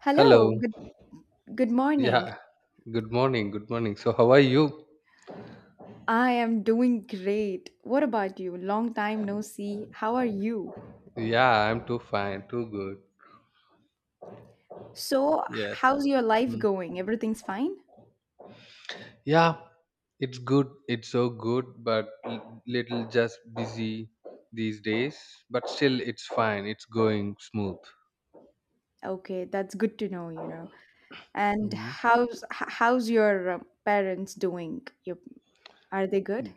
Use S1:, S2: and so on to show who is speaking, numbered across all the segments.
S1: Hello,
S2: Hello.
S1: good morning.
S2: Yeah. Good morning. Good morning. So, how are you?
S1: I am doing great. What about you? Long time no see. How are you?
S2: Yeah, I'm too fine. Too good.
S1: So,
S2: Yes.
S1: how's your life
S2: Mm.
S1: going? Everything's fine?
S2: Yeah, it's good. It's so good, but little just busy these days. But still, it's fine. It's going smooth.
S1: Okay, that's good to know. And
S2: Mhm.
S1: how's how's your parents doing? Your, are they good?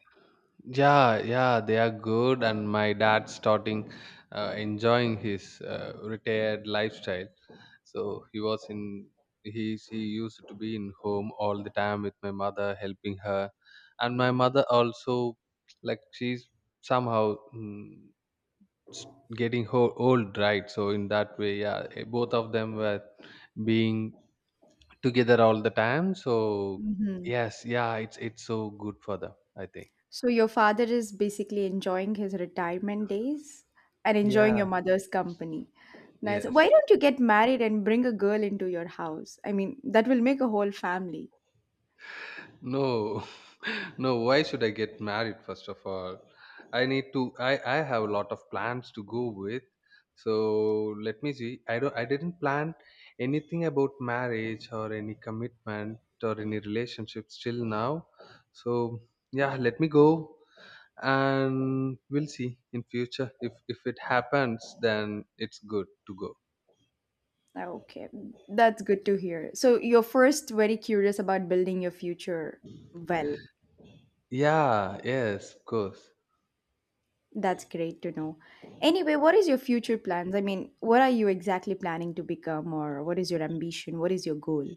S2: Yeah, yeah, they are good, and my dad's starting enjoying his retired lifestyle. So he was in, he she used to be in home all the time with my mother helping her, and my mother also, like she's somehow s- getting old, right? So in that way, yeah, both of them were being together all the time, so
S1: Hmm.
S2: yes, yeah, it's so good for them, I think.
S1: So your father is basically enjoying his retirement days and enjoying your
S2: Yeah.
S1: mother's company. Nice. Why
S2: Yes.
S1: don't you get married and bring a girl into your house? I mean, that will make a whole family.
S2: No, no. Why should I get married? First of all, I need to. I have a lot of plans to go with. So let me see. I don't. I didn't plan anything about marriage or any commitment or any relationships till now. So yeah, let me go, and we'll see in future. If it happens, then it's good to go.
S1: Okay, that's good to hear. So you're first very curious about building your future well.
S2: Yeah. Yes. Of course.
S1: That's great to know. Anyway, what is your future plans? I mean, what are you exactly planning to become or what is your ambition? What is your goal?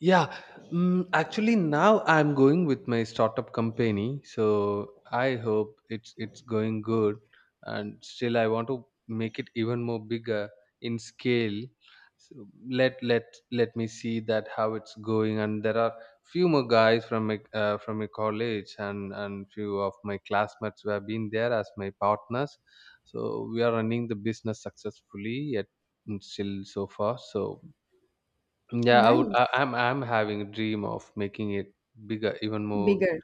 S2: Yeah, actually now I'm going with my startup company, so I hope it's going good, and still I want to make it even more bigger in scale. So let me see that how it's going, and there are few more guys from my college, and few of my classmates who have been there as my partners. So we are running the business successfully yet still so far. So yeah, I would. I,
S1: Nice.
S2: I'm. I'm having a dream of making it bigger, even more.
S1: Bigger.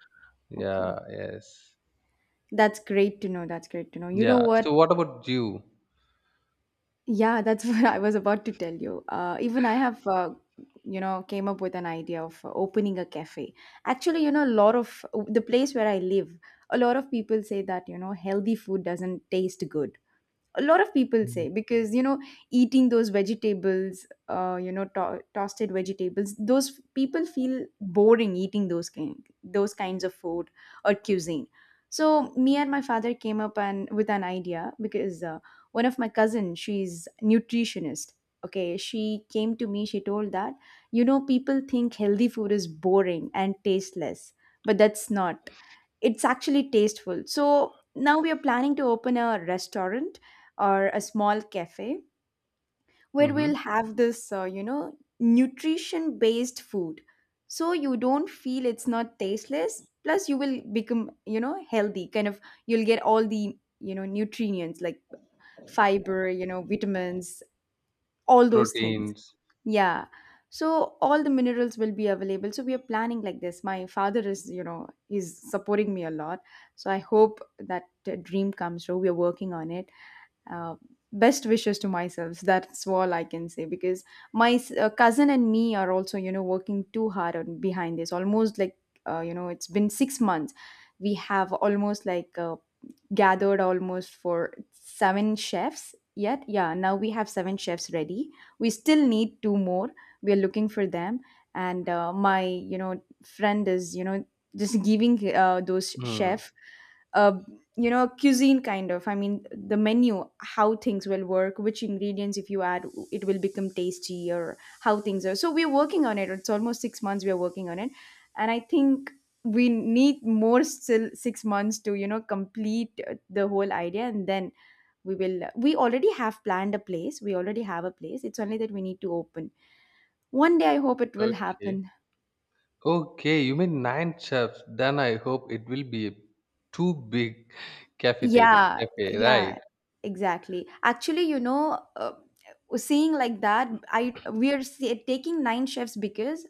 S1: Okay.
S2: Yeah. Yes.
S1: That's great to know. That's great to know. You know
S2: Yeah. So,
S1: what?
S2: what about you?
S1: Yeah, that's what I was about to tell you. Even I have, came up with an idea of opening a cafe. Actually, a lot of the place where I live, a lot of people say that, healthy food doesn't taste good. A lot of people
S2: Mm.
S1: say, because eating those vegetables, toasted vegetables, those people feel boring eating those kinds of food or cuisine. So me and my father came up and with an idea, because one of my cousin, she's nutritionist. Okay, she came to me, she told that people think healthy food is boring and tasteless, but that's not, it's actually tasteful. So now we are planning to open a restaurant or a small cafe where
S2: Hmm.
S1: we'll have this, nutrition based food. So you don't feel it's not tasteless. Plus, you will become, healthy. Kind of, you'll get all the nutrients like fiber, vitamins, all those things.
S2: Proteins.
S1: Yeah. So all the minerals will be available. So we are planning like this. My father is supporting me a lot. So I hope that dream comes true. We are working on it. uh, Best wishes to myself. So that's all I can say, because my cousin and me are also working too hard on behind this, almost like it's been 6 months. We have almost like gathered almost for seven chefs yet. Yeah, now we have seven chefs ready. We still need two more. We are looking for them. And my, friend is, just giving those
S2: Hmm.
S1: chef, uh, cuisine kind of. I mean, the menu, how things will work, which ingredients if you add, it will become tasty or how things are. So we're working on it. It's almost 6 months we are working on it. And I think we need more still 6 months to complete the whole idea, and then we will we already have planned a place, we already have a place, it's only that we need to open one day. I hope it will
S2: Okay.
S1: happen.
S2: Okay. You mean nine chefs? Then I hope it will be a too big cafeteria.
S1: Yeah,
S2: Cafe.
S1: yeah,
S2: Right.
S1: exactly. Actually, seeing like that, I we are see, taking nine chefs, because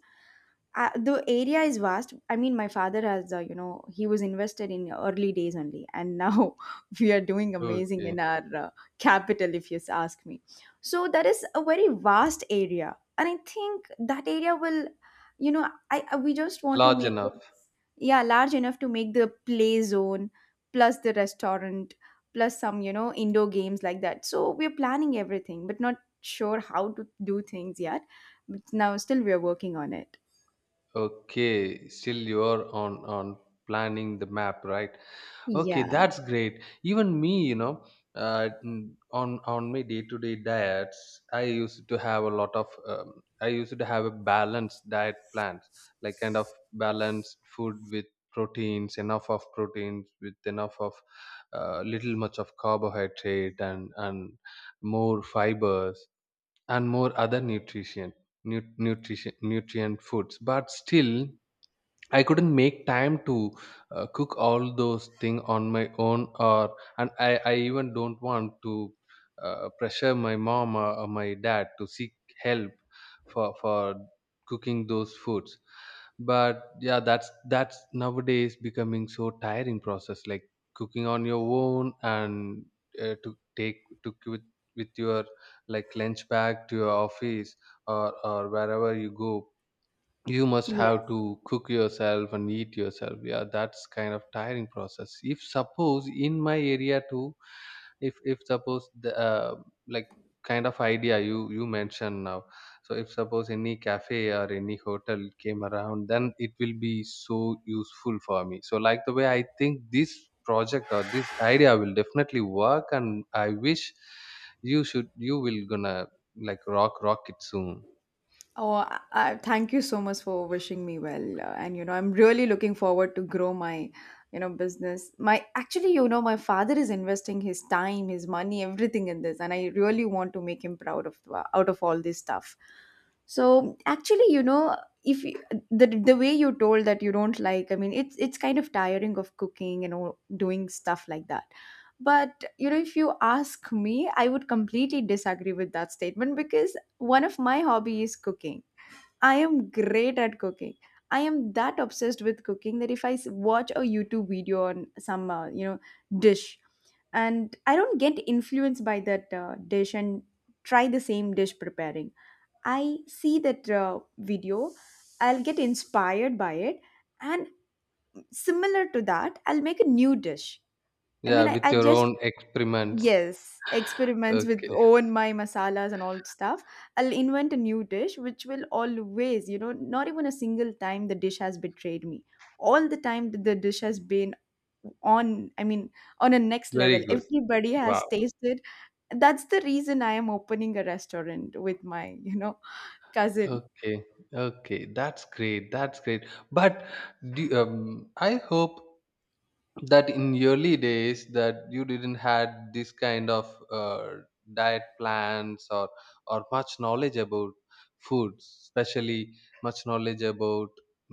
S1: the area is vast. I mean, my father has he was invested in early days only, and now we are doing amazing
S2: Okay.
S1: in our capital, if you ask me. So that is a very vast area, and I think that area will you know I we just want to
S2: Large
S1: make
S2: enough.
S1: it yeah large enough to make the play zone plus the restaurant plus some indoor games, like that. So we're planning everything, but not sure how to do things yet, but now still we are working on it.
S2: Okay. Still, you're on planning the map, right? Okay,
S1: Yeah,
S2: that's great. Even me, you know, on my day to day diets, I used to have a lot of. I used to have a balanced diet plans, like kind of balanced food with proteins, enough of proteins, with enough of little much of carbohydrate, and more fibers, and more other nutrition, nutrient foods, but still I couldn't make time to cook all those things on my own, or and I even don't want to pressure my mom, or my dad to seek help for cooking those foods. But yeah, that's nowadays becoming so tiring process, like cooking on your own, and to take to with your like lunch bag to your office, or wherever you go, you must
S1: yes.
S2: have to cook yourself and eat yourself. Yeah, that's kind of tiring process. If suppose in my area too, if suppose the like kind of idea you mentioned now, so if suppose any cafe or any hotel came around, then it will be so useful for me. So like the way I think, this project or this idea will definitely work, and I wish you should, you will gonna like rock it soon.
S1: Oh, thank you so much for wishing me well. And I'm really looking forward to grow my business. My actually, you know, my father is investing his time, his money, everything in this, and I really want to make him proud of out of all this stuff. So actually, if you, the way you told that you don't like, I mean, it's kind of tiring of cooking and all, doing stuff like that. But if you ask me, I would completely disagree with that statement, because one of my hobby is cooking. I am great at cooking. I am that obsessed with cooking that if I watch a YouTube video on some dish, and I don't get influenced by that dish and try the same dish preparing, I see that video, I'll get inspired by it. And similar to that, I'll make a new dish. I
S2: Yeah,
S1: mean, I,
S2: with
S1: I
S2: your
S1: just,
S2: own experiments.
S1: yes, experiments with
S2: Okay,
S1: own my masalas and all stuff. I'll invent a new dish, which will always, not even a single time the dish has betrayed me. All the time that the dish has been on, I mean, on a next level.
S2: very good.
S1: Everybody
S2: Wow.
S1: has tasted. That's the reason I am opening a restaurant with my cousin.
S2: Okay, okay, that's great. That's great. But do, I hope that in your early days that you didn't had this kind of diet plans, or much knowledge about foods, especially much knowledge about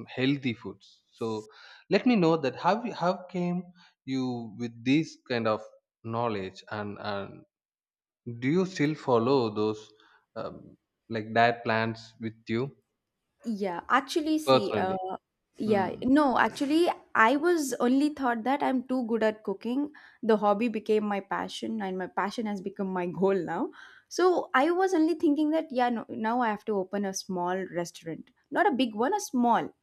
S2: healthy foods. So let me know that how you- how came you with this kind of knowledge and, do you still follow those um, like diet plans with you
S1: Yeah, actually, see,
S2: personally?
S1: yeah,
S2: Mm.
S1: no, actually, I was only thought that I'm too good at cooking. The hobby became my passion, and my passion has become my goal now. So I was only thinking that, yeah, no, now I have to open a small restaurant, not a big one, a small.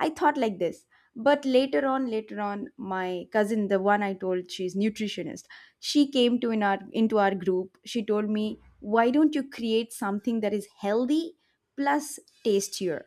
S1: I thought like this. But later on, my cousin, the one I told she's nutritionist, she came to in our into our group. She told me, why don't you create something that is healthy plus tastier?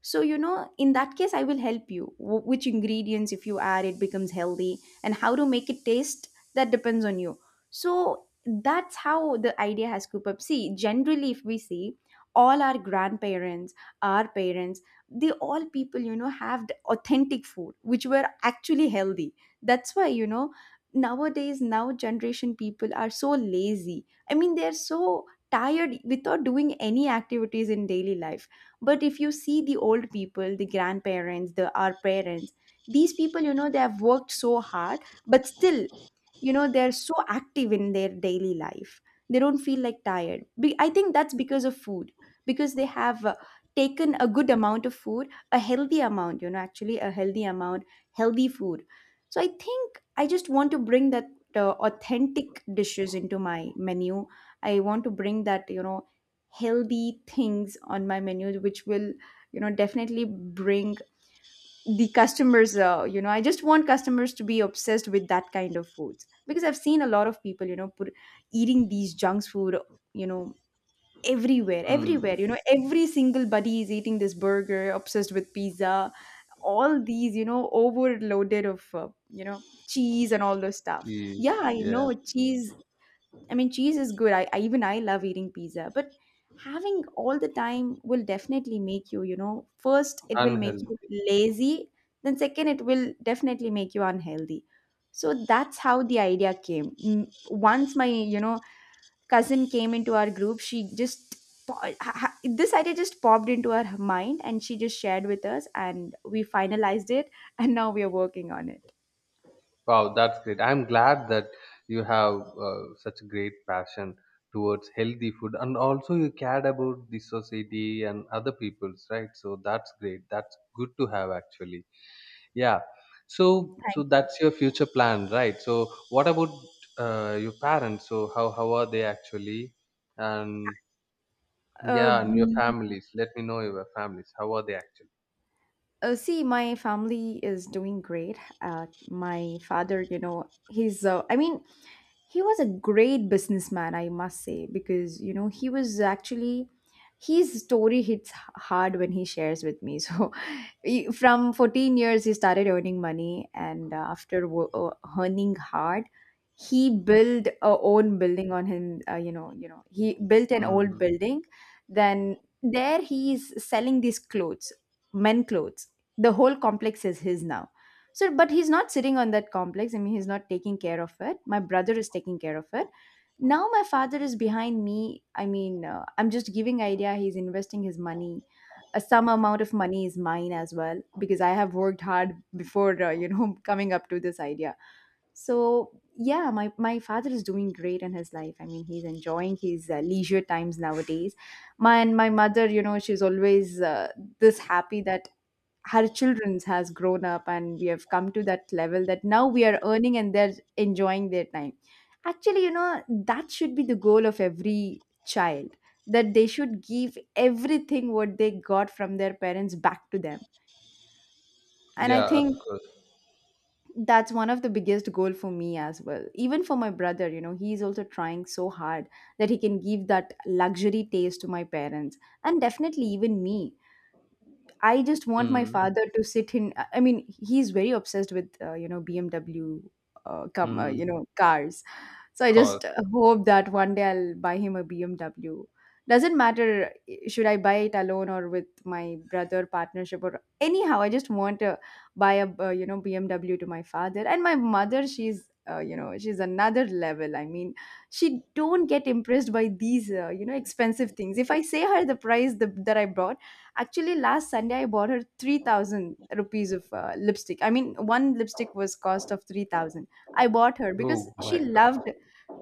S1: So in that case, I will help you. Which ingredients, if you add, it becomes healthy, and how to make it taste that depends on you. So that's how the idea has scooped up. See, generally, if we see all our grandparents, our parents, they all people have the authentic food which were actually healthy. That's why nowadays now generation people are so lazy. I mean, they're so tired without doing any activities in daily life. But if you see the old people, the grandparents, the our parents, these people they have worked so hard, but still they're so active in their daily life. They don't feel like tired. I think that's because of food, because they have taken a good amount of food, a healthy amount you know actually a healthy amount healthy food. So I think I just want to bring that authentic dishes into my menu. I want to bring that healthy things on my menu, which will definitely bring the customers. I just want customers to be obsessed with that kind of foods, because I've seen a lot of people put eating these junk food, you know everywhere
S2: Mm.
S1: everywhere every single buddy is eating this burger, obsessed with pizza, all these overloaded of cheese and all those stuff.
S2: Yes.
S1: Yeah, I
S2: Yeah,
S1: know cheese, I mean cheese is good. I even I love eating pizza, but having all the time will definitely make you you know first it will make you
S2: unhealthy.
S1: lazy, then second it will definitely make you unhealthy. So that's how the idea came. Mm, once my cousin came into our group, she just this idea just popped into her mind, and she just shared with us and we finalized it and now we are working on it.
S2: Wow, that's great. I'm glad that you have such great passion towards healthy food, and also you cared about the society and other people's, right? So that's great. That's good to have, actually. Yeah. So, so
S1: Thank
S2: that's your future plan, right? So, what about your parents? So, how are they actually? And
S1: uh,
S2: yeah, and your
S1: mm,
S2: families. Let me know your families. How are they actually?
S1: see, my family is doing great. My father, he's, I mean, he was a great businessman, I must say, because he was actually his story hits hard when he shares with me so from 14 years he started earning money, and after earning hard, he built a own building on him he built an old
S2: Mm.
S1: building. Then there he is selling these clothes, men clothes, the whole complex is his now. So, but he's not sitting on that complex. I mean, he's not taking care of it. My brother is taking care of it. Now my father is behind me. I mean, I'm just giving idea. He's investing his money. Some amount of money is mine as well, because I have worked hard before, coming up to this idea. So yeah, my father is doing great in his life. I mean, he's enjoying his leisure times nowadays. My and my mother, you know, she's always this happy that her children's has grown up and we have come to that level that now we are earning and they're enjoying their time actually, you know, that should be the goal of every child, that they should give everything what they got from their parents back to them. And I
S2: Yeah, of
S1: think
S2: course.
S1: that's one of the biggest goal for me as well, even for my brother. You know, he's also trying so hard that he can give that luxury taste to my parents, and definitely even me. I just want my
S2: Mm.
S1: father to sit in. I mean, he's very obsessed with you know, BMW, come
S2: Mm.
S1: you know, cars. So I
S2: Cause.
S1: just hope that one day I'll buy him a BMW. Doesn't matter should I buy it alone or with my brother partnership or anyhow. I just want to buy a you know, BMW to my father. And my mother, she's you know, she's another level. I mean, she don't get impressed by these you know, expensive things. If I say her the price that I bought. Actually, last Sunday I bought her 3,000 rupees of lipstick. I mean, one lipstick was cost of 3,000. I bought her because
S2: Oh my
S1: she
S2: God.
S1: loved.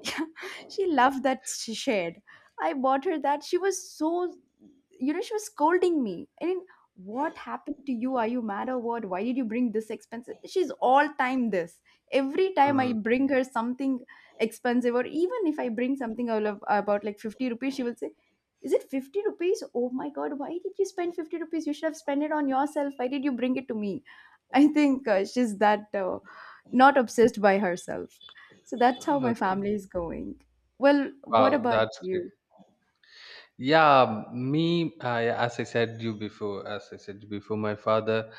S1: Yeah, she loved that, she shared. I bought her that. She was so, you know, she was scolding me. I mean, what happened to you? Are you mad or what? Why did you bring this expensive? She's all time this. Every time
S2: Mm.
S1: I bring her something expensive, or even if I bring something all of, about like 50 rupees, she will say, is it 50 rupees? Oh my god, why did you spend 50 rupees? You should have spent it on yourself. Why did you bring it to me? I think she's that not obsessed by herself. So that's how my
S2: Okay.
S1: family is going. Well, what
S2: Wow,
S1: about
S2: that's great.
S1: you?
S2: Yeah, me, I, as I said you before, as I said before, my father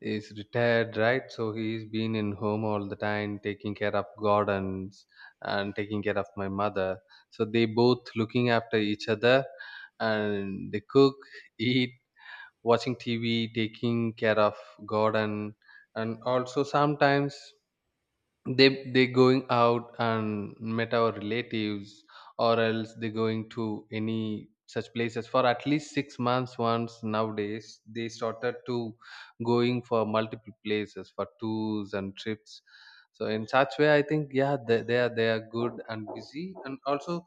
S2: is retired, right? So he's been in home all the time, taking care of gardens and taking care of my mother. So they both looking after each other, and they cook, eat, watching TV, taking care of god, and also sometimes they going out and met our relatives, or else they going to any such places for at least 6 months once. Nowadays they started to going for multiple places for tours and trips. So in such way I think yeah, they are good and busy, and also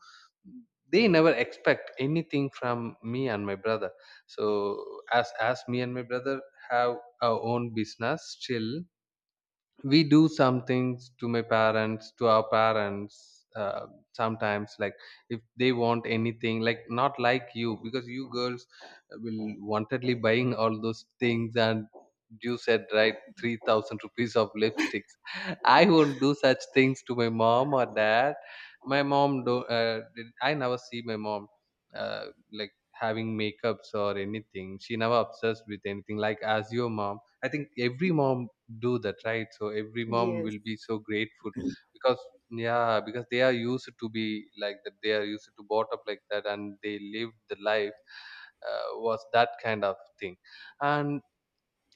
S2: they never expect anything from me and my brother. So as me and my brother have our own business, still we do some things to my parents, to our parents, sometimes, like if they want anything, like not like you, because you girls will wantedly buying all those things, and you said right, 3000 rupees of lipsticks. I won't do such things to my mom or dad. My mom do I never see my mom uh, like having makeups or anything. She never obsessed with anything like as your mom. I think every mom do that, right? So every mom
S1: Yes.
S2: will be so grateful, because yeah, because they are used to be like that. They are used to brought up like that, and they lived the life was that kind of thing. And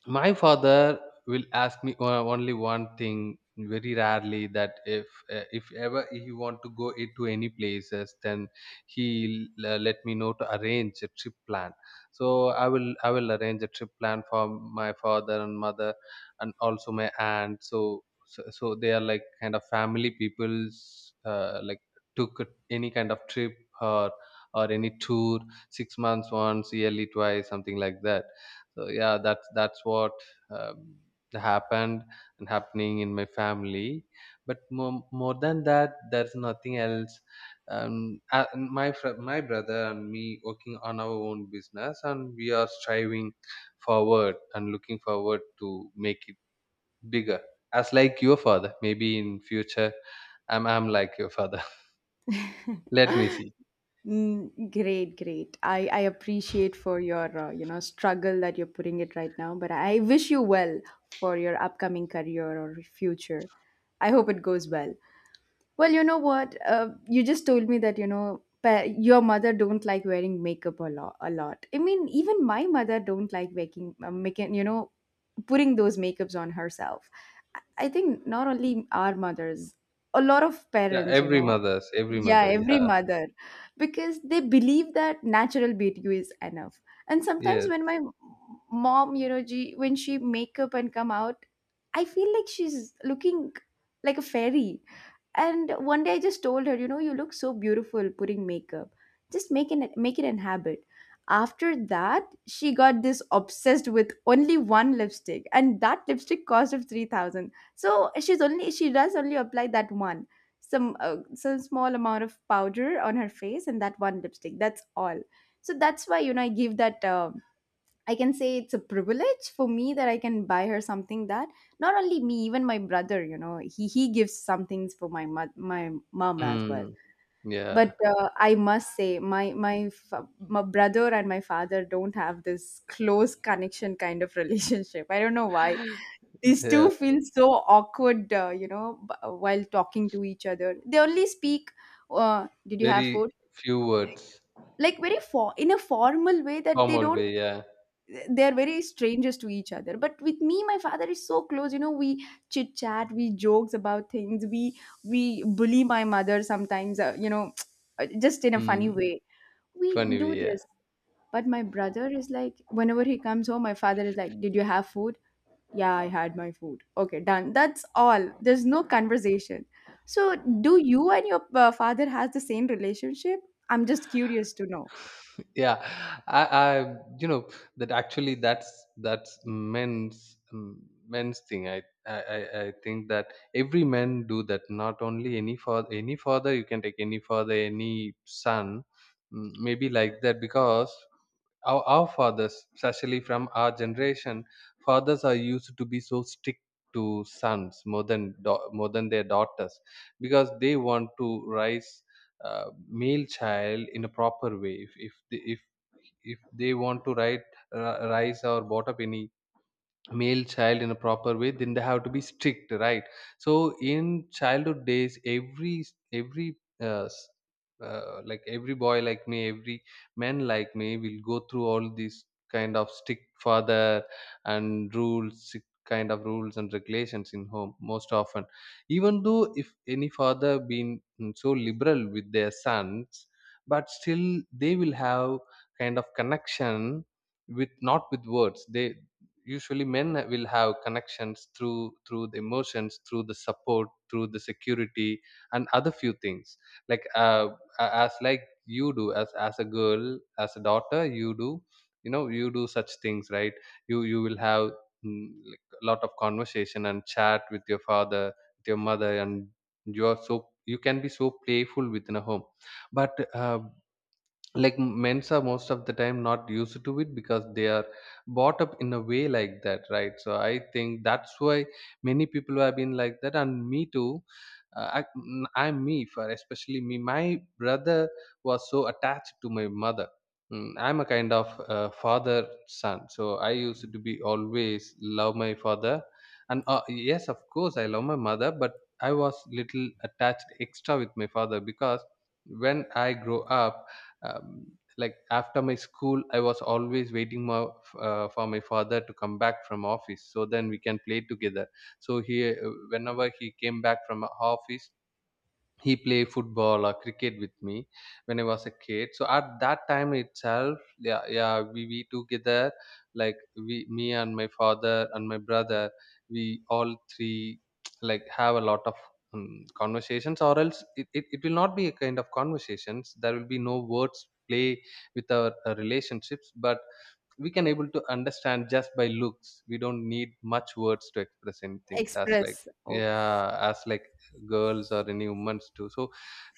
S2: my father will ask me only one thing very rarely, that if ever he want to go I- to any places, then he let me know to arrange a trip plan. So I will, I will arrange a trip plan for my father and mother, and also my aunt. So so, so they are like kind of family people's, like took any kind of trip, or or any tour, 6 months once, yearly twice, something like that. So yeah, that's what um, happened and happening in my family. But more, more than that there's nothing else. My my brother and me working on our own business, and we are striving forward and looking forward to make it bigger as like your father. Maybe in future I'm like your father. Let me see.
S1: Mm, great, great. I appreciate for your you know, struggle that you're putting it right now, but I wish you well for your upcoming career or future. I hope it goes well. Well, you know what? You just told me that, you know, your mother don't like wearing makeup a lot. A lot. I mean, even my mother don't like making you know, putting those makeups on herself. I think not only our mothers, a lot of
S2: Yeah,
S1: parents, you
S2: every
S1: know,
S2: mother's, every
S1: yeah,
S2: mother,
S1: every
S2: yeah.
S1: mother, because they believe that natural beauty is enough. And sometimes
S2: Yes.
S1: when my mom, you know, she, when she make up and come out, I feel like she's looking like a fairy. And one day I just told her, you know, you look so beautiful putting makeup. Just make it an habit. After that, she got this obsessed with only one lipstick, and that lipstick cost of 3,000. So she's only, she does only apply that one, some small amount of powder on her face, and that one lipstick. That's all. So that's why, you know, I give that. I can say it's a privilege for me that I can buy her something. That not only me, even my brother, you know, he gives some things for my my mom as well.
S2: mm, yeah,
S1: But I must say, my brother and my father don't have this close connection kind of relationship. I don't know why these
S2: yeah.
S1: two feel so awkward, you know, while talking to each other. They only speak, "Did you have
S2: Very
S1: food?"
S2: few words.
S1: Like very for in a formal way, that they
S2: Formal
S1: don't,
S2: way, yeah.
S1: they are very strangers to each other. But with me, my father is so close. You know, we chit chat, we jokes about things, we bully my mother sometimes, you know, just in a funny
S2: Mm,
S1: way we
S2: funny
S1: do
S2: way, yeah.
S1: this. But my brother is like, whenever he comes home, my father is like, did you have food? Yeah, I had my food. Okay, done. That's all. There's no conversation. So, do you and your father has the same relationship? I'm just curious to know.
S2: Yeah, you know, that actually, that's men's men's thing. I think that every man do that. Not only any father, any father, you can take any father, any son, maybe like that, because our fathers, especially from our generation, fathers are used to be so strict to sons, more than more than their daughters, because they want to raise male child in a proper way. If they want to write, ri- rise or brought up any male child in a proper way, then they have to be strict, right? So in childhood days, every uh, s- like every boy like me, every man like me, will go through all these kind of strict father and rules, strict kind of rules and regulations in home most often. Even though if any father been so liberal with their sons, but still they will have kind of connection with, not with words. They usually, men will have connections through, through the emotions, through the support, through the security, and other few things, like as like you do, as a girl, as a daughter you do. You know, you do such things, right? You will have like a lot of conversation and chat with your father, with your mother, and you are so, you can be so playful within a home. But like men's are most of the time not used to it, because they are brought up in a way like that, right? So I think that's why many people have been like that, and me too. I'm me for especially, me, my brother was so attached to my mother. I'm a kind of father son, so I used to be always love my father, and yes, of course I love my mother, but I was little attached extra with my father, because when I grow up, um, like after my school, I was always waiting my, for my father to come back from office, so then we can play together. So he whenever he came back from office, he play football or cricket with me when I was a kid. So at that time itself, yeah, yeah, we together like we, me and my father and my brother, we all three like have a lot of conversations. Or else it will not be a kind of conversations. There will be no words play with our relationships, but we can able to understand just by looks. We don't need much words to express anything. As like,
S1: Express. Oh.
S2: yeah, as like girls or any humans too. So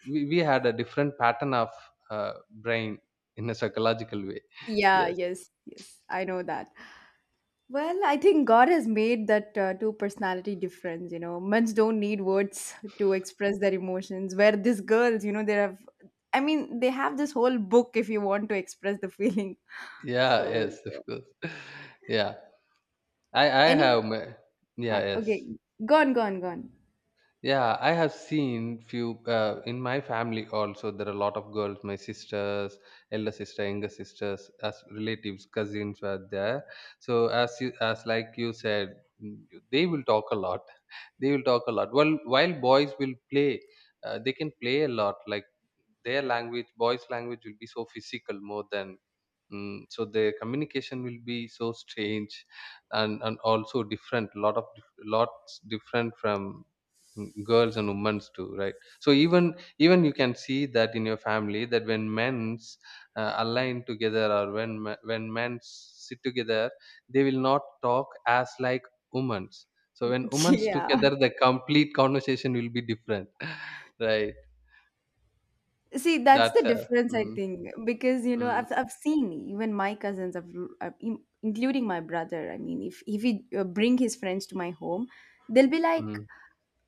S2: we had a different pattern of uh, brain in a psychological way.
S1: Yeah,
S2: Yes.
S1: yes, yes, I know that. Well, I think God has made that two personality difference. You know, men don't need words to express their emotions, where these girls, you know, they have, I mean, they have this whole book if you want to express the feeling.
S2: Yeah,
S1: So,
S2: yes, of
S1: yeah.
S2: course. Yeah. I
S1: Any,
S2: have my, yeah,
S1: I
S2: yes.
S1: okay, gone, gone, gone.
S2: Yeah, I have seen few in my family also. There are a lot of girls, my sisters, elder sister, younger sisters, as relatives, cousins were there. So as you, as like you said, mm, they will talk a lot. They will talk a lot. Well, while boys will play, they can play a lot. Like their language, boys' language will be so physical more than. So the communication will be so strange, and also different, lot of lots different from, girls and women's too, right? So even you can see that in your family that when men's align together, or when when men sit together, they will not talk as like women's. So when women's
S1: Yeah.
S2: together, the complete conversation will be different. Right?
S1: See, that's
S2: That's
S1: the
S2: a,
S1: difference, I
S2: mm,
S1: think. Because you know,
S2: mm,
S1: I've seen even my cousins, including my brother. I mean, if he bring his friends to my home, they'll be like,
S2: mm,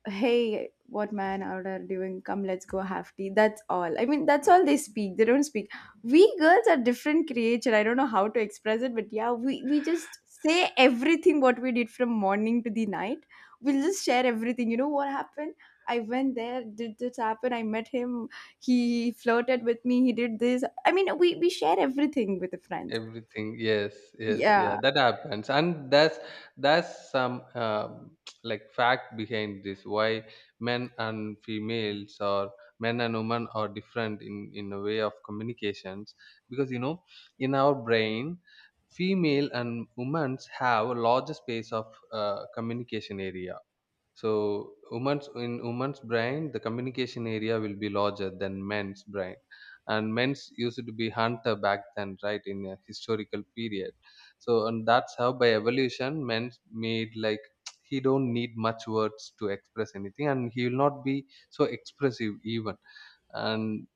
S1: hey, what man out are doing, come let's go have tea. That's all. I mean, that's all they speak. They don't speak. We girls are different creature. I don't know how to express it, but yeah, we just say everything what we did from morning to the night. We'll just share everything, you know, what happened. I went there, did this happen, I met him, he flirted with me, he did this. I mean, we share everything with the friends.
S2: everything. Yes, yes,
S1: Yeah,
S2: yeah, that happens. And that's some like fact behind this, why men and females, or men and women are different in a way of communications. Because you know, in our brain, female and women's have a larger space of communication area. So women's, in women's brain, the communication area will be larger than men's brain, and men's used to be hunter back then, right? In a historical period, so, and that's how by evolution men's made like, he don't need much words to express anything, and he will not be so expressive even. And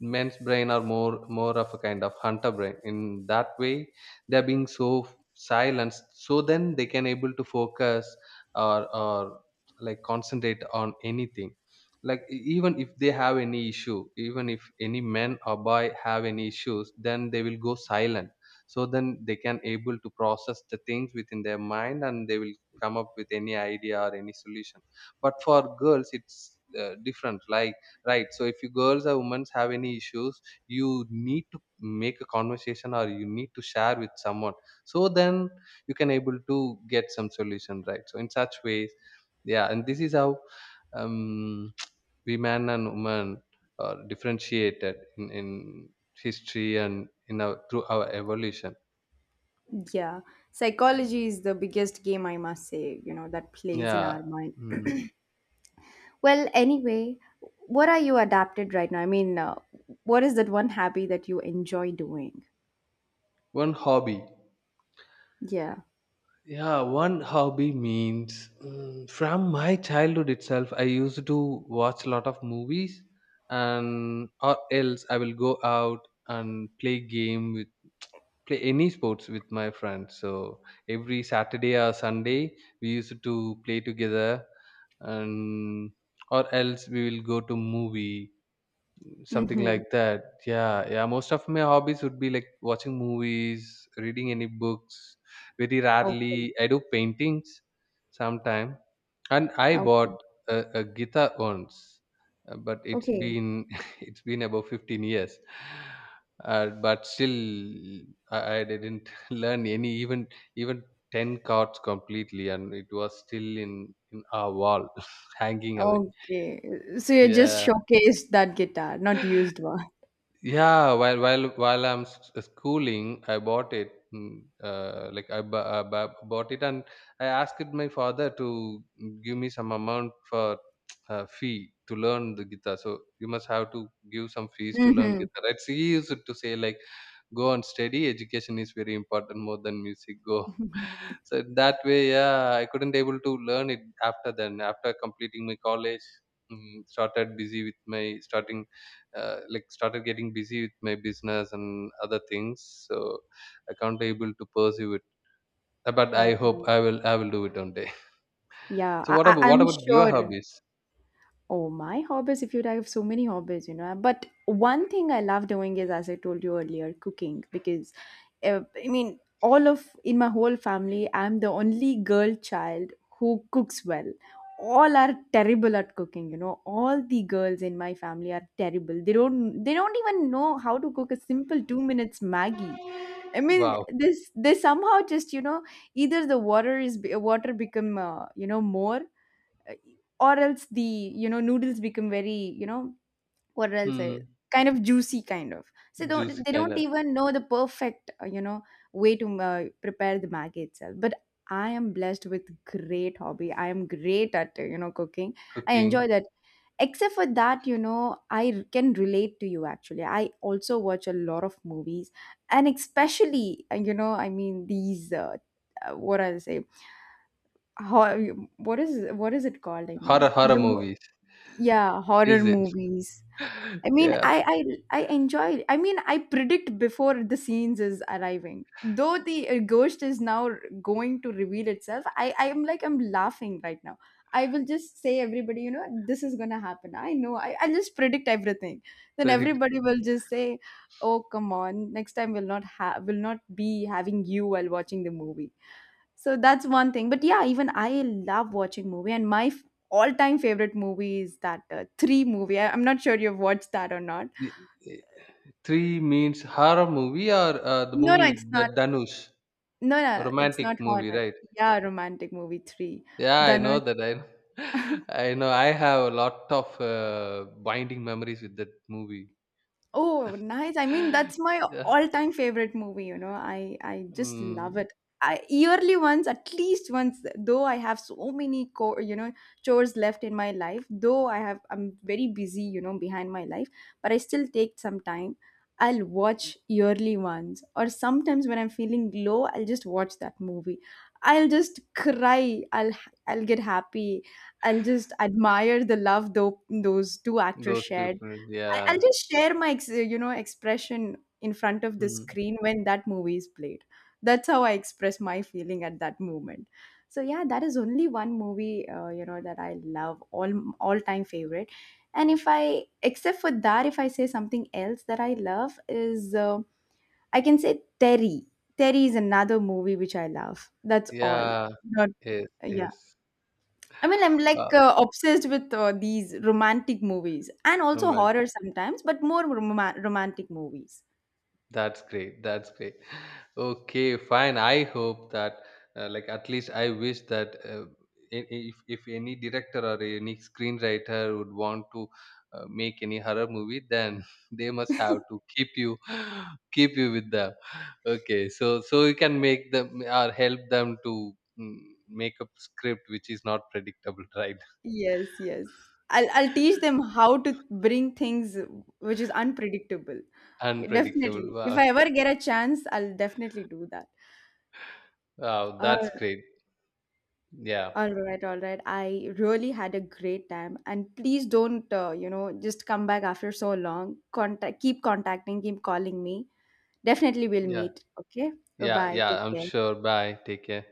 S2: men's brain are more of a kind of hunter brain in that way. They're being so silent so then they can able to focus, or like concentrate on anything. Like even if they have any issue, even if any men or boy have any issues, then they will go silent. So then they can able to process the things within their mind, and they will come up with any idea or any solution. But for girls it's different, like, right? So if you girls or women have any issues, you need to make a conversation, or you need to share with someone, so then you can able to get some solution, right? So in such ways, yeah. And this is how, um, we man and woman are differentiated in history and in our, through our evolution.
S1: yeah. Psychology is the biggest game, I must say, you know, that plays in
S2: Yeah.
S1: our mind.
S2: Mm.
S1: Well, anyway, what are you adapted right now? I mean, what is that one hobby that you enjoy doing?
S2: One hobby.
S1: Yeah.
S2: Yeah, one hobby means, mm, from my childhood itself, I used to watch a lot of movies, and or else I will go out and play game with, play any sports with my friends. So every Saturday or Sunday, we used to play together, and or else we will go to movie. Something
S1: Mm-hmm.
S2: like that. Yeah, yeah. Most of my hobbies would be like watching movies, reading any books. Very
S1: Okay.
S2: rarely, I do paintings sometime. And I
S1: Okay.
S2: bought a guitar once, but it's
S1: Okay.
S2: been it's been about 15 years. But still, I didn't learn any even 10 chords completely, and it was still in our wall, hanging away.
S1: Okay. So you just
S2: Yeah.
S1: showcased that guitar, not used one.
S2: Yeah, while while I'm schooling, I bought it. Like I, bought it, and I asked my father to, give me some amount for fee to learn the guitar. So you must have to give some fees to learn
S1: Mm-hmm.
S2: guitar, right? So he used to say like, go and study. Education is very important more than music. Go. So that way, yeah, I couldn't able to learn it. After then, after completing my college, started busy with my starting like started getting busy with my business and other things, so I can't be able to pursue it. But I hope
S1: Okay.
S2: i will do it one day.
S1: Yeah,
S2: So what about what
S1: I'm
S2: about your
S1: sure.
S2: hobbies?
S1: Oh, my hobbies, if you'd, I have so many hobbies, you know. But one thing I love doing is, as I told you earlier, cooking. Because I mean, all of in my whole family, I'm the only girl child who cooks well. All are terrible at cooking, you know. All the girls in my family are terrible. They don't even know how to cook a simple 2 minute Maggie. I mean,
S2: Wow.
S1: this they somehow just, you know, either the water is water become you know, more uh, or else the, you know, noodles become very, you know, what else I,
S2: Hmm.
S1: kind of juicy kind of. So
S2: Juicy
S1: don't, they
S2: kind
S1: don't
S2: of.
S1: even know the perfect you know, way to prepare the maggi itself. But I am blessed with great hobby. I am great at you know, cooking. I
S2: Cooking.
S1: enjoy that. Except for that, you know, can relate to you. Actually I also watch a lot of movies. And especially you know, I mean, these what I say, how, what is it called, I mean
S2: Horror, horror
S1: the,
S2: movies,
S1: yeah, horror
S2: is it?
S1: movies. i mean
S2: Yeah.
S1: i I enjoy. I mean, I predict before the scenes is arriving, though the ghost is now going to reveal itself. I am like, I'm laughing right now. I will just say everybody, you know, this is gonna happen, I know. I'll just predict everything. Then
S2: Predict.
S1: everybody will just say, oh come on, next time we'll not have will not be having you while watching the movie. So that's one thing. But yeah, even I love watching movie. And my all-time favorite movie is that Three movie. I'm not sure you've watched that or not.
S2: y- y- Three means horror movie, or the
S1: No, no,
S2: movie with
S1: it's
S2: the
S1: not.
S2: Danush,
S1: No, no, it's not
S2: romantic movie,
S1: horror.
S2: right?
S1: Yeah, romantic movie Three.
S2: Yeah, I know
S1: Dhanush.
S2: that. I I know. I have a lot of binding memories with that movie.
S1: Oh, nice. I mean, that's my
S2: Yeah.
S1: all-time favorite movie, you know. I just love
S2: Mm,
S1: it. I yearly once, at least once, though I have so many co, you know, chores left in my life, though I'm very busy, you know, behind my life, but I still take some time. I'll watch yearly ones, or sometimes when I'm feeling low, I'll just watch that movie. I'll just cry. I'll get happy. I'll just admire the love though those two actors
S2: those
S1: shared.
S2: people,
S1: I'll
S2: yeah.
S1: just share my you know, expression in front of the
S2: Mm,
S1: screen when that movie is played. That's how I express my feeling at that moment. So yeah, that is only one movie you know, that I love, all time favorite. And if I, except for that, if I say something else that I love is I can say Terry. Terry is another movie which I love. That's all.
S2: yeah.
S1: Not,
S2: Yes,
S1: yeah.
S2: yes.
S1: I mean, I'm like
S2: Wow,
S1: obsessed with these romantic movies and also
S2: romantic.
S1: horror sometimes, but more romantic movies.
S2: That's great. That's great. Okay, fine. I hope that, like, at least I wish that, i- if any director or any screenwriter would want to make any horror movie, then they must have to keep you, keep you with them. Okay, so so you can make them or help them to, mm, make a script which is not predictable, right?
S1: Yes, yes. I'll teach them how to bring things which is unpredictable. Yeah,
S2: Unpredictable.
S1: definitely. If
S2: Wow,
S1: I ever get a chance, I'll definitely do that.
S2: wow,
S1: All,
S2: that's great. Yeah,
S1: all right, all right. I really had a great time. And please don't, you know, just come back after so long. Keep contacting, keep calling me. Definitely we'll
S2: yeah,
S1: meet. Okay. Bye
S2: yeah,
S1: bye. Take
S2: yeah. I'm
S1: care.
S2: sure. Bye. Take care.